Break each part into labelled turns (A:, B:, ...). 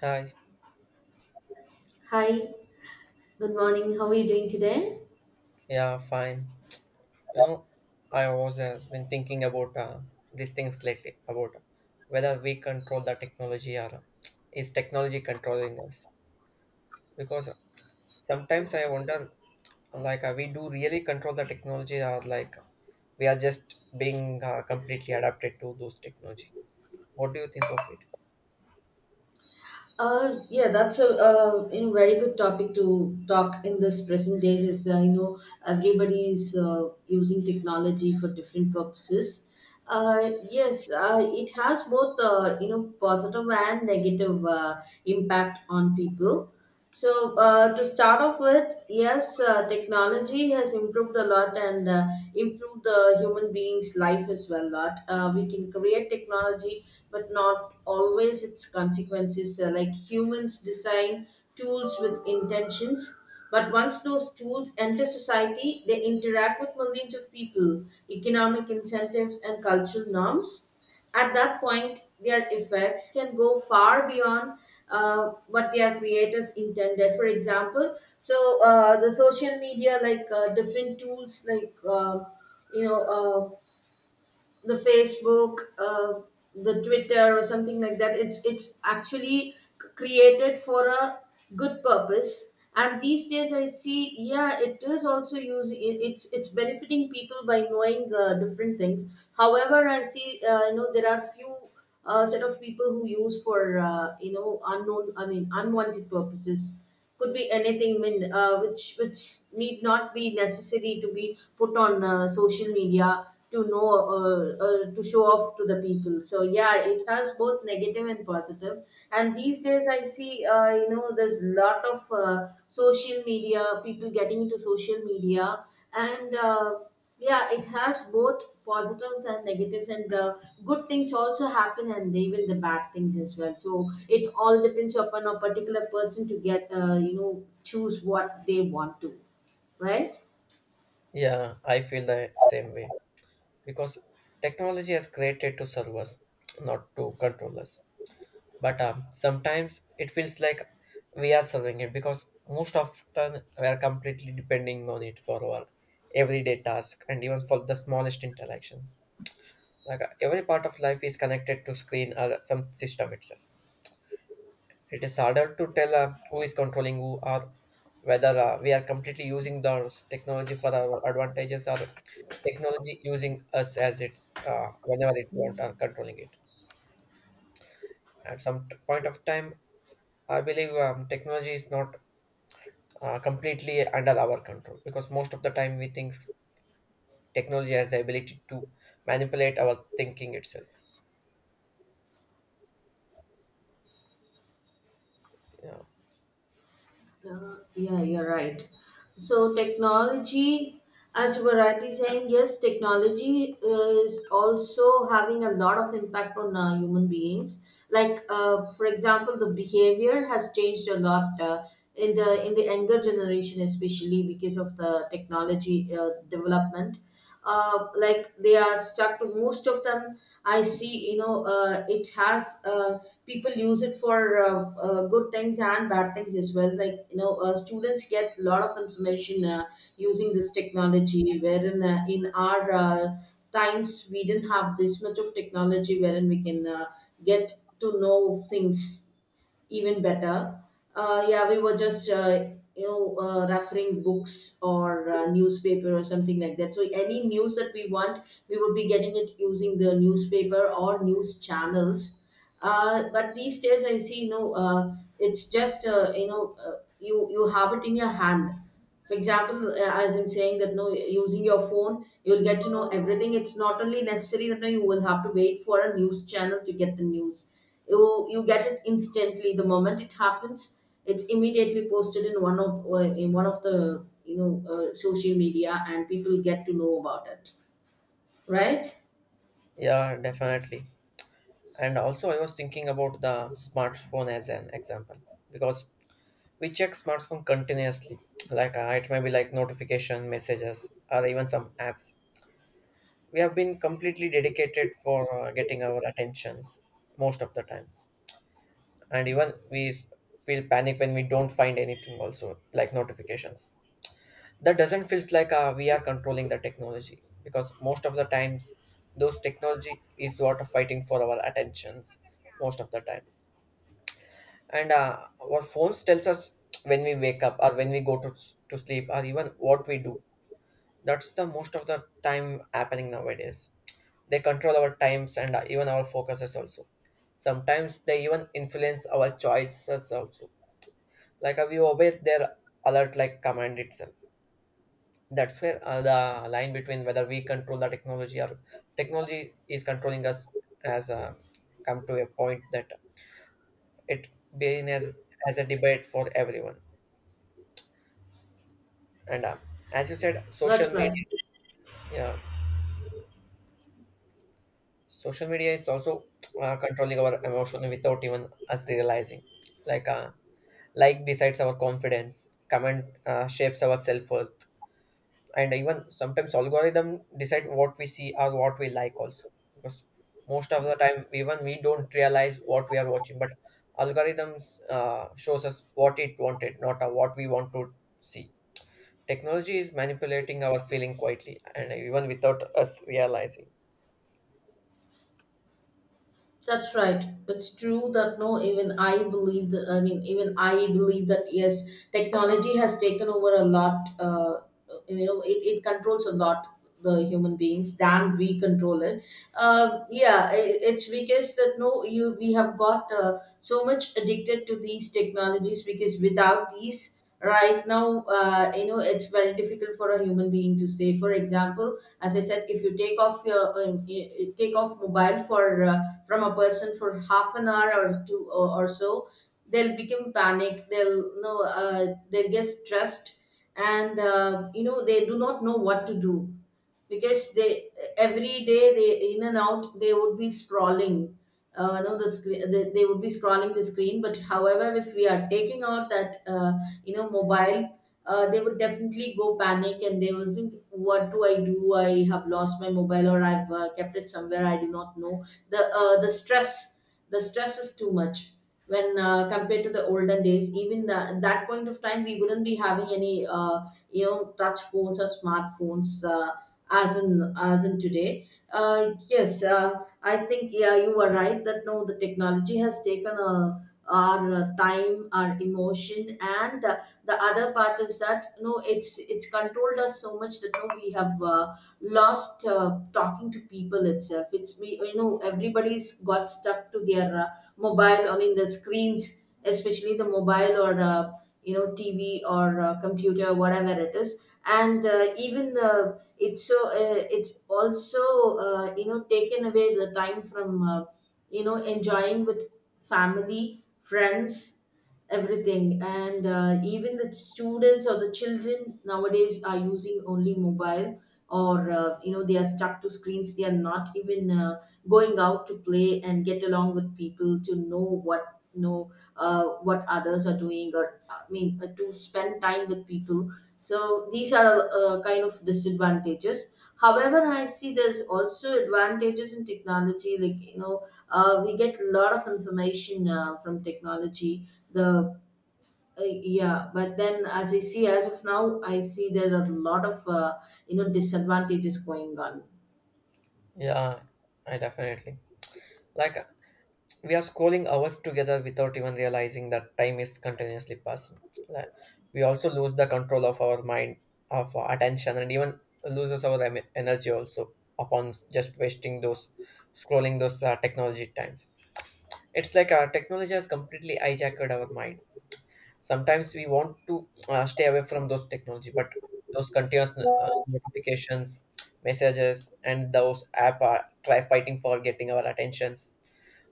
A: Hi.
B: Hi, good morning. How are you doing today?
A: Yeah, fine. You know, I was has been thinking about these things lately about whether we control the technology, or is technology controlling us? Because sometimes I wonder, like, we do really control the technology, or like we are just being completely adapted to those technology. What do you think of it?
B: Yeah, that's a you know very good topic to talk in this present days. Is you know everybody is using technology for different purposes. Yes, it has both you know positive and negative impact on people. So, to start off with, yes, technology has improved a lot and improved the human being's life as well. A lot, we can create technology, but not always its consequences. Like humans design tools with intentions, but once those tools enter society, they interact with millions of people, economic incentives, and cultural norms. At that point, their effects can go far beyond what their creators intended. For example, the social media, like different tools, like you know, uh, the Facebook, the Twitter, or something like that. It's actually created for a good purpose. And these days, I see, yeah, it is also using it, it's benefiting people by knowing different things. However, I see, there are few a set of people who use for you know unknown I mean unwanted purposes, could be anything. I mean which need not be necessary to be put on social media to know, to show off to the people. So yeah, it has both negative and positives, and these days I see, you know, there's lot of social media, people getting into social media, and yeah, it has both positives and negatives, and the good things also happen and even the bad things as well. So it all depends upon a particular person to get, you know, choose what they want to. Right.
A: Yeah, I feel the same way because technology has created to serve us, not to control us. But sometimes it feels like we are serving it because most often we are completely depending on it for our everyday task and even for the smallest interactions. Like every part of life is connected to screen or some system itself. It is harder to tell who is controlling who, or whether we are completely using the technology for our advantages or technology using us as it's whenever it want or controlling it at some point of time. I believe technology is not completely under our control, because most of the time we think technology has the ability to manipulate our thinking itself. Yeah.
B: Yeah, you're right. So technology, as you were rightly saying, yes, technology is also having a lot of impact on human beings. Like, for example, the behavior has changed a lot in the younger generation, especially because of the technology development, like they are stuck to most of them. I see, you know, it has people use it for good things and bad things as well. Like you know, students get a lot of information using this technology, wherein in our times we didn't have this much of technology, wherein we can get to know things even better. Yeah, we were just referring books or newspaper or something like that. So any news that we want, we would be getting it using the newspaper or news channels. But these days, I see, you know, you have it in your hand. For example, as I'm saying that no, using your phone you'll get to know everything. It's not only necessary that no, you will have to wait for a news channel to get the news. You get it instantly the moment it happens. It's immediately posted in one of the, you know, social media, and people get to know about it. Right.
A: Yeah, definitely. And also I was thinking about the smartphone as an example, because we check smartphone continuously. Like it may be like notification messages or even some apps we have been completely dedicated for getting our attentions most of the times. And even we feel panic when we don't find anything also, like notifications. That doesn't feels like we are controlling the technology, because most of the times those technology is what are fighting for our attentions most of the time. And our phones tells us when we wake up or when we go to sleep, or even what we do. That's the most of the time happening nowadays. They control our times and even our focuses also. Sometimes they even influence our choices also, like we obey their alert like command itself. That's where the line between whether we control the technology or technology is controlling us has come to a point that it being as a debate for everyone. And as you said, social
B: That's right.
A: media, yeah, social media is also controlling our emotion without even us realizing. Like uh, like decides our confidence, comment shapes our self worth, and even sometimes algorithm decide what we see or what we like also, because most of the time even we don't realize what we are watching, but algorithms shows us what it wanted, not what we want to see. Technology is manipulating our feeling quietly and even without us realizing.
B: That's right. It's true that no, even I believe that. I mean, even I believe that yes, technology has taken over a lot. You know, it controls a lot the human beings than we control it. Yeah, I It's because that no, you we have got so much addicted to these technologies, because without these right now, you know, it's very difficult for a human being to stay. For example, as I said, if you take off your you take off mobile for, from a person, for half an hour or two, or so, they'll become panic, they'll you know they'll get stressed, and you know they do not know what to do because they, every day, they in and out they would be scrolling, no, the screen. They would be scrolling the screen, but however, if we are taking out that, you know, mobiles, they would definitely go panic and they will think, what do I do? I have lost my mobile, or I've kept it somewhere, I do not know. The stress, the stress is too much when compared to the olden days. Even at that point of time, we wouldn't be having any you know touch phones or smartphones, as in, as in today. Yes, I think yeah, you are right that no, the technology has taken a, our time, our emotion, and the other part is that no, it's controlled us so much that no, we have lost talking to people itself. It's, we you know, everybody's got stuck to their mobile. I mean the screens, especially the mobile or you know, TV or computer, whatever it is. And even the, it's so it's also you know taken away the time from you know enjoying with family, friends, everything. And even the students or the children nowadays are using only mobile, or you know, they are stuck to screens. They are not even going out to play and get along with people to know what know, what others are doing, or I mean to spend time with people. So these are kind of disadvantages. However, I see there's also advantages in technology, like you know, we get a lot of information from technology. The, yeah, but then as I see, as of now, I see there are a lot of you know disadvantages going on.
A: Yeah. I definitely like, we are scrolling hours together without even realizing that time is continuously passing. Like, we also lose the control of our mind, of our attention, and even loses our energy also upon just wasting those scrolling those technology times. It's like our technology has completely hijacked our mind. Sometimes we want to stay away from those technology, but those continuous notifications, messages, and those app are try fighting for getting our attentions.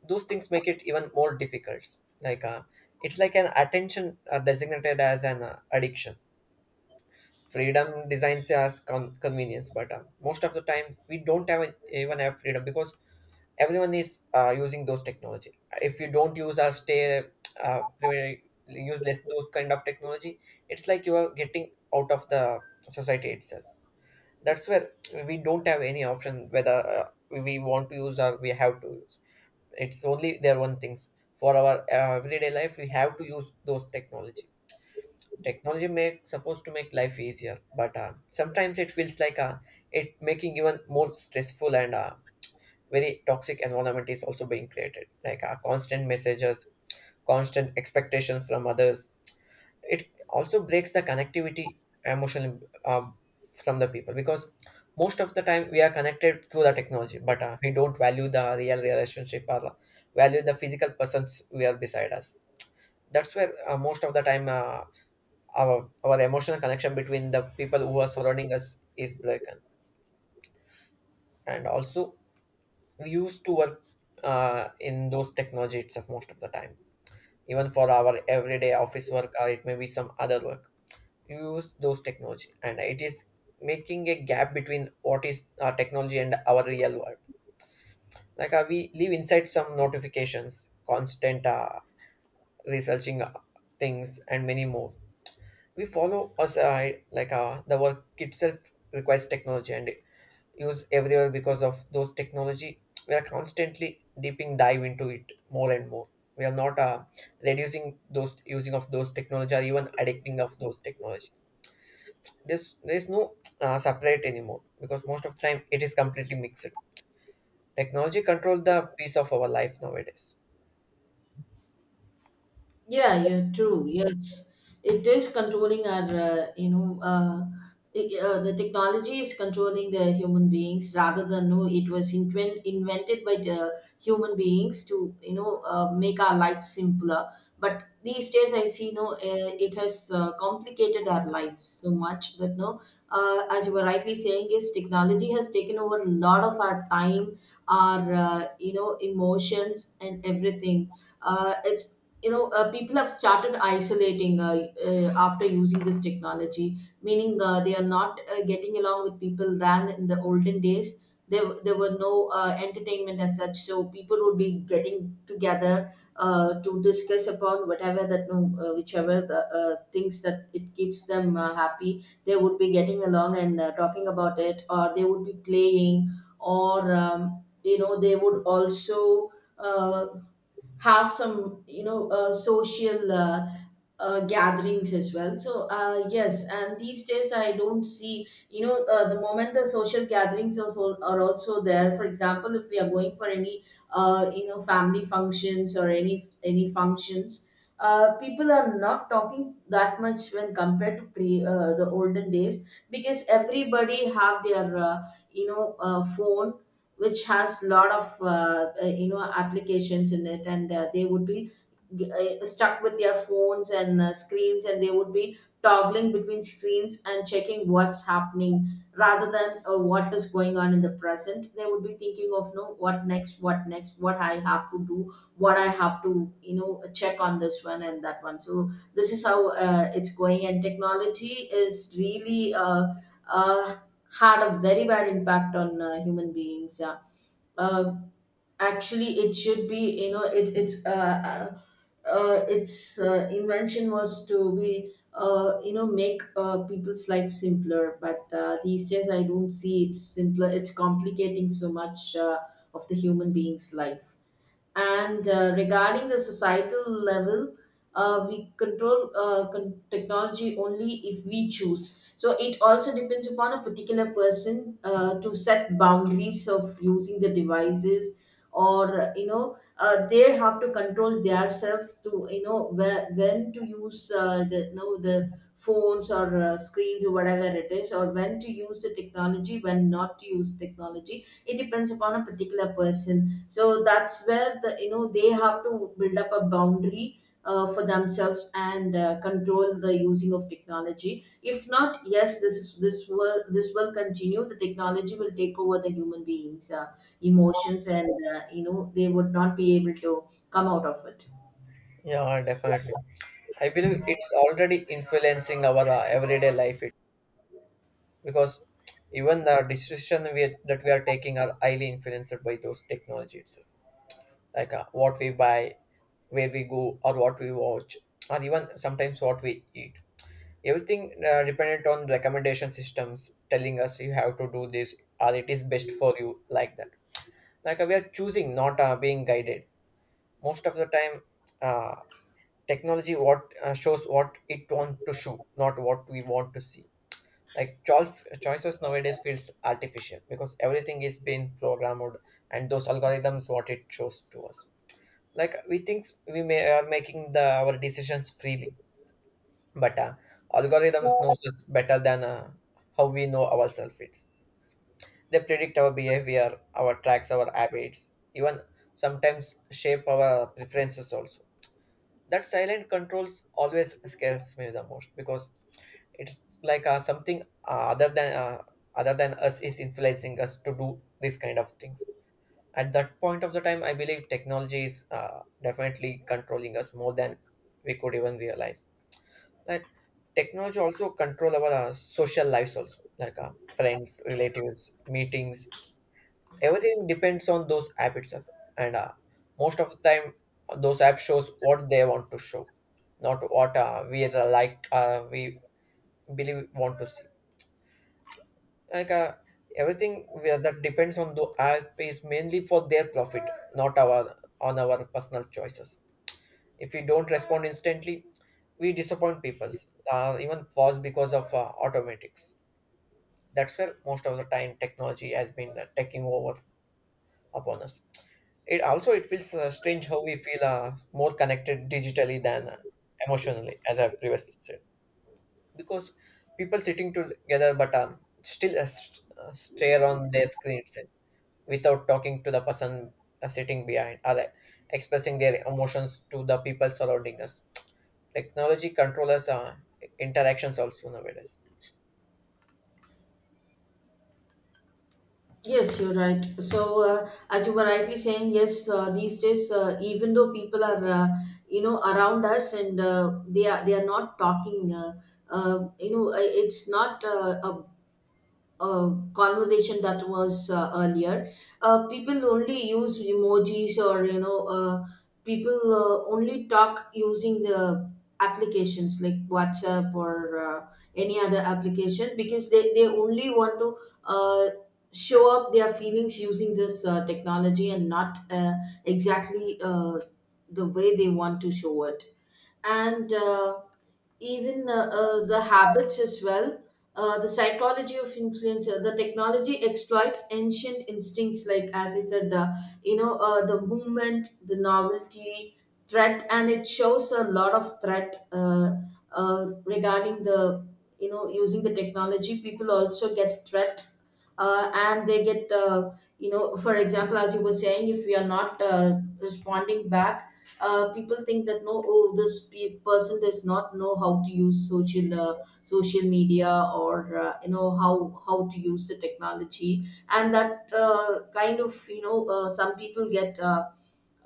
A: Those things make it even more difficult. Like it's like an attention designated as an addiction, freedom designs as convenience, but most of the time we don't have even have freedom, because everyone is using those technology. If you don't use or stay use less those kind of technology, it's like you are getting out of the society itself. That's where we don't have any option whether we want to use or we have to use. It's only their one things. For our everyday life we have to use those technology. Technology make supposed to make life easier, but sometimes it feels like it making even more stressful and very toxic environment is also being created. Like constant messages, constant expectations from others. It also breaks the connectivity emotionally, um, from the people, because most of the time we are connected through the technology, but we don't value the real relationship or value the physical persons we are beside us. That's where most of the time our emotional connection between the people who are surrounding us is broken. And also we used to work in those technology itself most of the time, even for our everyday office work or it may be some other work. Use those technology, and it is making a gap between what is our technology and our real world. Like we live inside some notifications, constant researching things and many more. We follow us like the work itself requires technology, and use everywhere. Because of those technology we are constantly deeping dive into it more and more. We are not reducing those using of those technology or even addicting of those technology. This there is no separate anymore, because most of the time it is completely mixed. Technology control the piece of our life nowadays.
B: Yeah, you're true. Yes, it is controlling our, the technology is controlling the human beings, rather than no, it was invented by the human beings to, you know, make our life simpler. But these days, I see no, it has complicated our lives so much that no, as you were rightly saying, is technology has taken over a lot of our time, our, you know, emotions and everything. It's you know people have started isolating, after using this technology, meaning they are not getting along with people, than in the olden days, there were no entertainment as such, so people would be getting together to discuss upon whatever that no, whichever the things that it keeps them happy, they would be getting along and talking about it, or they would be playing, or you know they would also uh, have some you know social gatherings as well. So yes, and these days I don't see, you know, the moment the social gatherings also are also there. For example, if we are going for any you know family functions or any functions, people are not talking that much when compared to pre the olden days, because everybody have their phone, which has lot of you know applications in it. And they would be stuck with their phones and screens, and they would be toggling between screens and checking what's happening rather than what is going on in the present. They would be thinking of no, what next, what next, what I have to do, what I have to you know check on this one and that one. So this is how it's going, and technology is really uh, had a very bad impact on human beings, yeah. uh, Actually, it should be, you know, it's its invention was to be you know, make people's life simpler, but these days I don't see it's simpler, it's complicating so much of the human being's life. And regarding the societal level, we control technology only if we choose. So it also depends upon a particular person to set boundaries of using the devices, or you know, they have to control themselves, to you know where, when to use the you know, the phones or screens or whatever it is, or when to use the technology, when not to use technology. It depends upon a particular person. So that's where the you know they have to build up a boundary for themselves and control the using of technology. If not, yes, this will this will continue. The technology will take over the human beings, emotions, and you know they would not be able to come out of it.
A: Yeah, definitely. I believe it's already influencing our everyday life it, because even the decision that we are taking are highly influenced by those technology itself. Like what we buy, where we go, or what we watch, or even sometimes what we eat. Everything dependent on recommendation systems telling us you have to do this or it is best for you, like that. Like we are choosing not being guided most of the time. uh, Technology what shows what it want to show, not what we want to see. Like choices nowadays feels artificial because everything is being programmed and those algorithms what it shows to us. Like we think we may are making the our decisions freely. But algorithms knows us better than how we know ourselves. It's, they predict our behavior, our tracks, our habits, even sometimes shape our preferences also. That silent controls always scares me the most, because it's like something other than us is influencing us to do these kind of things. At that point of the time, I believe technology is definitely controlling us more than we could even realize. Like technology also control our social lives also. Like friends, relatives, meetings, everything depends on those app itself. And most of the time those app shows what they want to show, not what we are like we believe want to see. Like everything where that depends on the app is mainly for their profit, not our on our personal choices. If we don't respond instantly, we disappoint people, even was because of automatics. That's where most of the time technology has been taking over upon us. It also it feels strange how we feel more connected digitally than emotionally, as I previously said, because people sitting together but still stare on their screens without talking to the person sitting behind, or expressing their emotions to the people surrounding us. Technology controllers interactions also nowadays.
B: Yes, you're right. As you were rightly saying, yes, these days, even though people are, around us and they are not talking, it's not a conversation that was earlier, people only use emojis or people only talk using the applications like WhatsApp or any other application because they only want to uh, show up their feelings using this technology and not exactly the way they want to show it, and even the habits as well. The psychology of influencer, the technology exploits ancient instincts, like as I said, the movement, the novelty, threat, and it shows a lot of threat regarding the, using the technology. People also get threat, and they get, for example, as you were saying, if we are not responding back, people think that no, oh, this person does not know how to use social media or you know how to use the technology, and that kind of, some people get uh,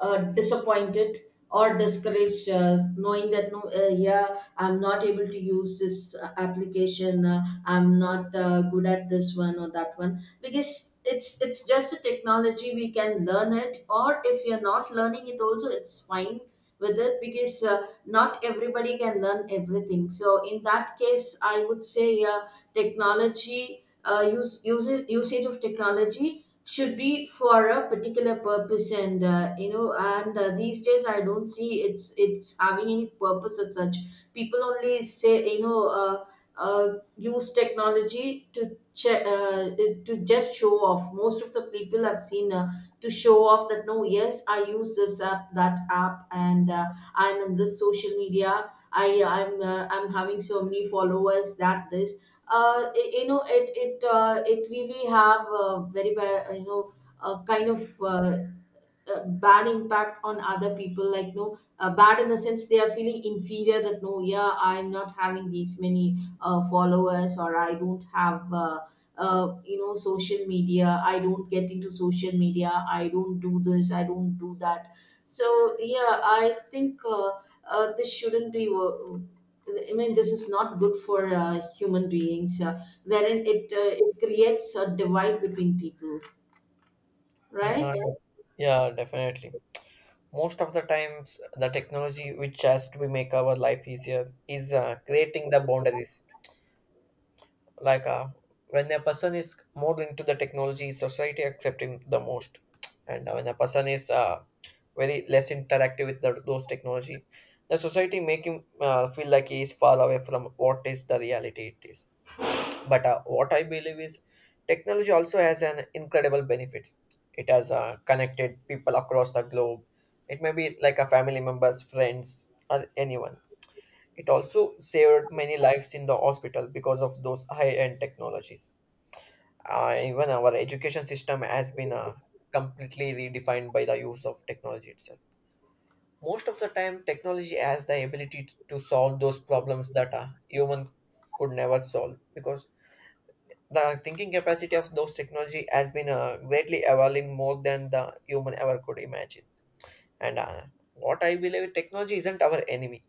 B: uh, disappointed or discouraged, knowing that no, yeah, I'm not able to use this application. I'm not good at this one or that one, because it's just a technology. We can learn it, or if you're not learning it also, it's fine with it, because not everybody can learn everything. So in that case, I would say, yeah, technology, use, use usage of technology should be for a particular purpose, and these days I don't see it's having any purpose as such. People only say, use technology to to just show off. Most of the people I've seen to show off that, no, yes, I use this app, that app, and I'm in this social media, I'm having so many followers that this, it really have a very a kind of bad impact on other people. Like, no, bad in the sense they are feeling inferior, that no, yeah, I'm not having these many followers, or I don't have social media, I don't get into social media, I don't do this, I don't do that. So yeah, I think this shouldn't be wo- I mean, this is not good for human beings, wherein it creates a divide between people,
A: Yeah,
B: right?
A: yeah, definitely. Most of the times, the technology which has to be make our life easier is creating the boundaries. Like when a person is more into the technology, society accepting the most, and when a person is very less interactive with those technology, the society make him feel like he is far away from what is the reality it is. But what I believe is technology also has an incredible benefit. It has connected people across the globe. It may be like a family members, friends, or anyone. It also saved many lives in the hospital because of those high-end technologies. Even our education system has been completely redefined by the use of technology itself. Most of the time, technology has the ability to solve those problems that a human could never solve, because the thinking capacity of those technology has been greatly evolving more than the human ever could imagine. And what I believe, technology isn't our enemy.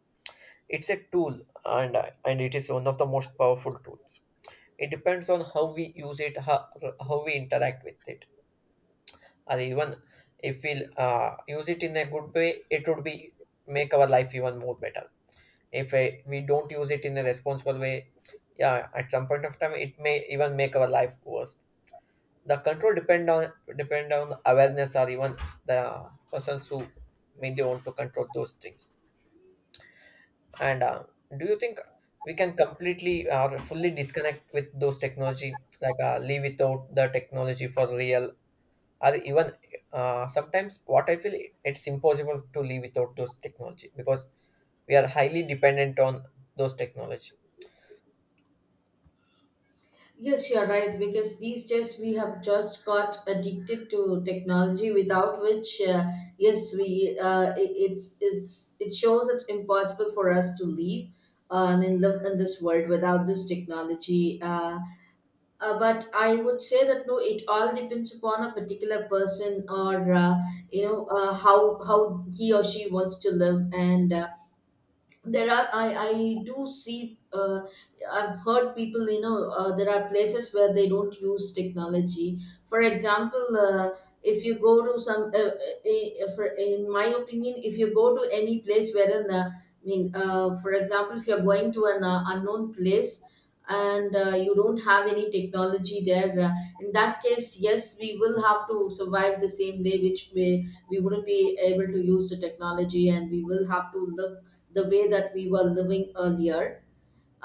A: It's a tool, and and it is one of the most powerful tools. It depends on how we use it, how we interact with it, or even if we use it in a good way, it would be make our life even more better. If we don't use it in a responsible way, yeah, at some point of time, it may even make our life worse. The control depend on depend on awareness or even the persons who mainly want to control those things. And Do you think we can completely or fully disconnect with those technology, like live without the technology for real, or even sometimes what I feel it's impossible to live without those technology because we are highly dependent on those technology.
B: Yes, you're right, because these days we have just got addicted to technology, without which, yes, we, it shows it's impossible for us to live. I mean, live in this world without this technology. But I would say that no, it all depends upon a particular person, or how he or she wants to live. And. There are, I do see, I've heard people, there are places where they don't use technology. For example, if you go to some in my opinion, if you go to any place wherein, I mean, for example, if you're going to an unknown place and you don't have any technology there, in that case, yes, we will have to survive the same way, which way we wouldn't be able to use the technology, and we will have to live the way that we were living earlier.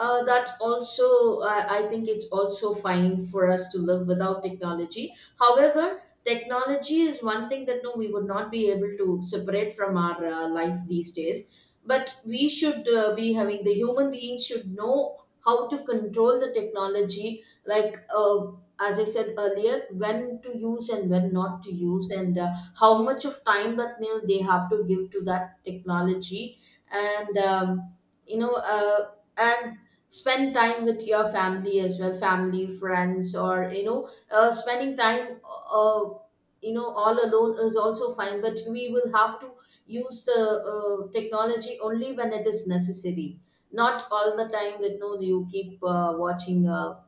B: That's also, I think it's also fine for us to live without technology. However, technology is one thing that no, we would not be able to separate from our life these days. But we should be having the human beings should know how to control the technology. Like, as I said earlier, when to use and when not to use, and how much of time that, you know, they have to give to that technology, and you know. Uh, and spend time with your family as well, family, friends, or, spending time, all alone is also fine, but we will have to use the technology only when it is necessary, not all the time that no, you keep watching,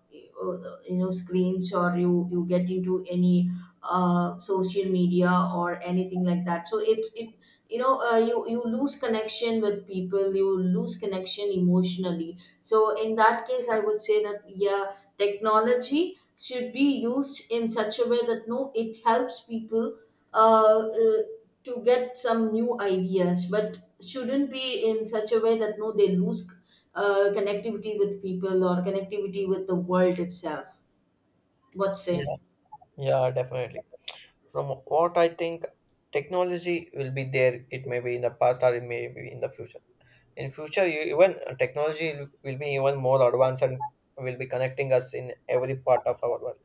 B: uh, screens, or you get into any social media or anything like that. So it you know you lose connection with people, you lose connection emotionally. So in that case, I would say that yeah, technology should be used in such a way that no, it helps people uh, uh, to get some new ideas, but shouldn't be in such a way that no, they lose connectivity with people or connectivity with the world itself. What say?
A: Yeah, yeah, definitely. From what I think, technology will be there. It may be in the past or it may be in the future. In future, you, even technology will be even more advanced and will be connecting us in every part of our work.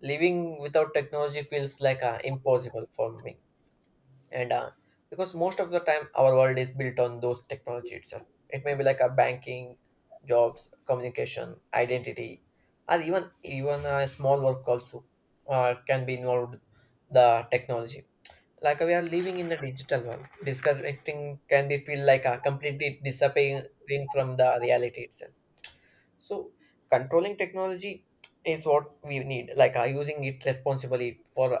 A: Living without technology feels like impossible for me, and because most of the time our world is built on those technology itself. It may be like a banking, jobs, communication, identity, or even a small work also can be involved the technology. Like we are living in the digital world, disconnecting can be feel like a completely disappearing from the reality itself. So controlling technology is what we need, like using it responsibly for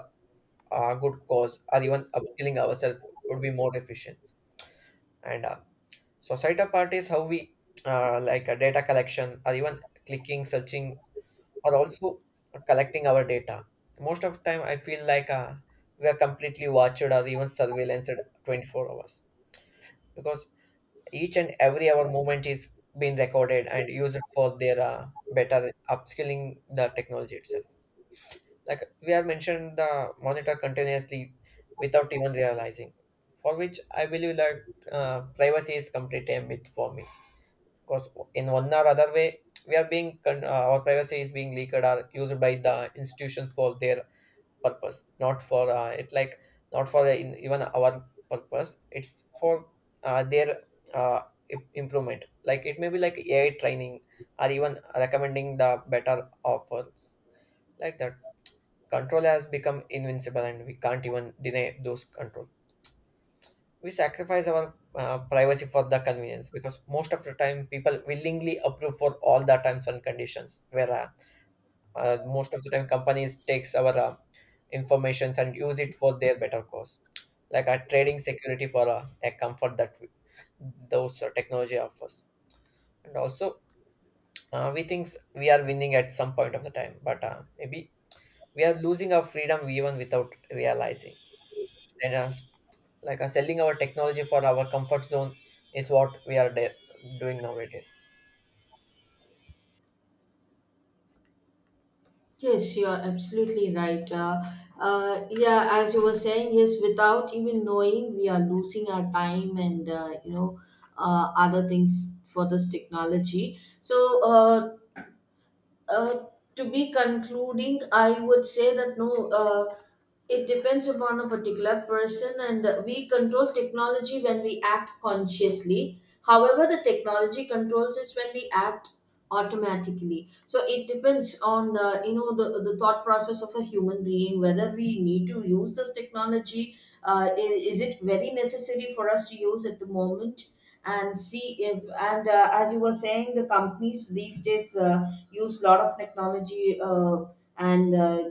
A: a good cause or even upskilling ourselves would be more efficient. And Societal part is how we like a data collection, or even clicking, searching, or also collecting our data. Most of the time I feel like we are completely watched or even surveillanced 24 hours, because each and every our movement is being recorded and used for their better upskilling the technology itself. Like we are mentioned the monitor continuously without even realizing, for which I believe that privacy is completely a myth for me. Because in one or other way we are being our privacy is being leaked or used by the institutions for their purpose, not for it, like not for the, in, even our purpose, it's for their uh, improvement. Like it may be like ai training or even recommending the better offers, like that. Control has become invincible, and we can't even deny those control. We sacrifice our privacy for the convenience, because most of the time people willingly approve for all the terms and conditions, where most of the time companies takes our informations and use it for their better cause, like a trading security for a comfort that we, those technology offers. And also we think we are winning at some point of the time, but maybe we are losing our freedom even without realizing. And Like selling our technology for our comfort zone is what we are doing nowadays.
B: Yes, you are absolutely right. Yeah, as you were saying, yes, without even knowing, we are losing our time and, other things for this technology. So, uh, uh, to be concluding, I would say that no. It depends upon a particular person, and we control technology when we act consciously. However, the technology controls us when we act automatically. So it depends on, the thought process of a human being, whether we need to use this technology. Is it very necessary for us to use at the moment? And see if, and as you were saying, the companies these days use a lot of technology, and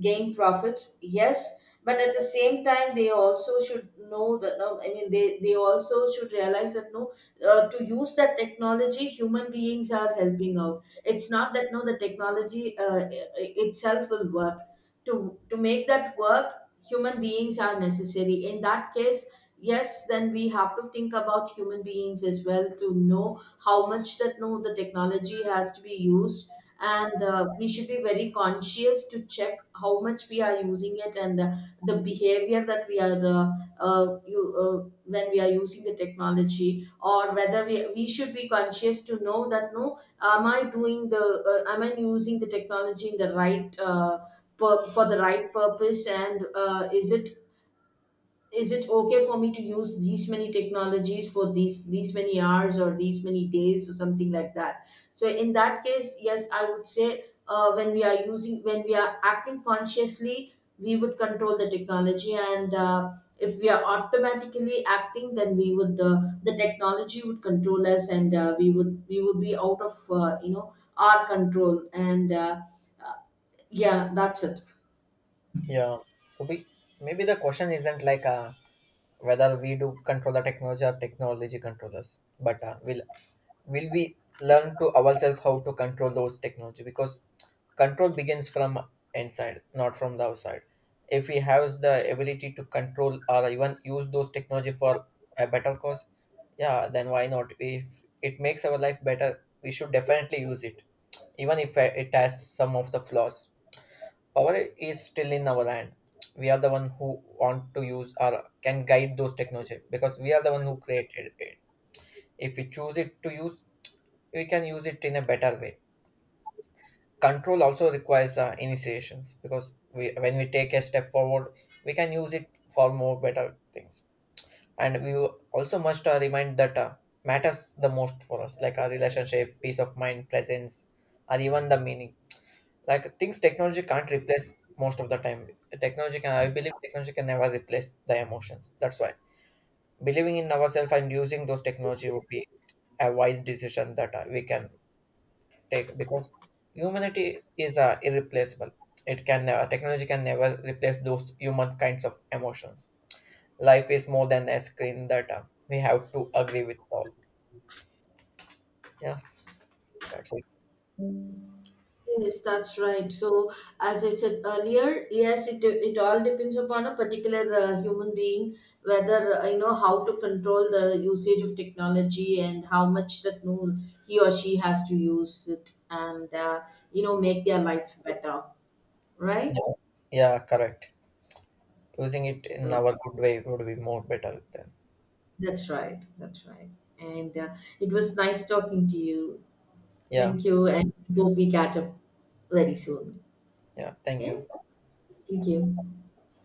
B: gain profits, yes, but at the same time, they also should know that no, I mean, they also should realize that no, to use that technology, human beings are helping out. It's not that no, the technology I- itself will work to make that work. Human beings are necessary. In that case, yes, then we have to think about human beings as well, to know how much that no, the technology has to be used, and we should be very conscious to check how much we are using it, and the behavior that we are when we are using the technology. Or whether we should be conscious to know that, no, am I doing the am I using the technology in the right for the right purpose, and is it okay for me to use these many technologies for these many hours or these many days or something like that. So in that case, yes, I would say, when we are using, when we are acting consciously, we would control the technology, and if we are automatically acting, then we would the technology would control us, and we would be out of, our control, and uh, yeah, that's it.
A: Yeah, so we, maybe the question isn't like whether we do control the technology or technology controllers, but will we learn to ourselves how to control those technology, because control begins from inside, not from the outside. If we have the ability to control or even use those technology for a better cause, yeah, then why not? If it makes our life better, we should definitely use it. Even if it has some of the flaws, power is still in our hand. We are the one who want to use or can guide those technology, because we are the one who created it. If we choose it to use, we can use it in a better way. Control also requires initiations, because we, when we take a step forward, we can use it for more better things. And we also must remind that matters the most for us, like our relationship, peace of mind, presence, or even the meaning, like things technology can't replace most of the time. Technology can, I believe technology can never replace the emotions. That's why believing in ourselves and using those technology would be a wise decision that we can take, because humanity is irreplaceable. It can never, technology can never replace those human kinds of emotions. Life is more than a screen, that we have to agree with all. Yeah, that's it.
B: Yes, that's right. So, as I said earlier, yes, it all depends upon a particular human being, whether how to control the usage of technology, and how much that no, he or she has to use it, and make their lives better, right?
A: Yeah, yeah, correct. Using it in
B: Oh,
A: our good way would be more better then.
B: that's right. That's right. And it was nice talking to you.
A: Yeah,
B: Thank you, and hope we catch up very soon.
A: yeah. Thank
B: Okay.
A: you.
B: Thank you.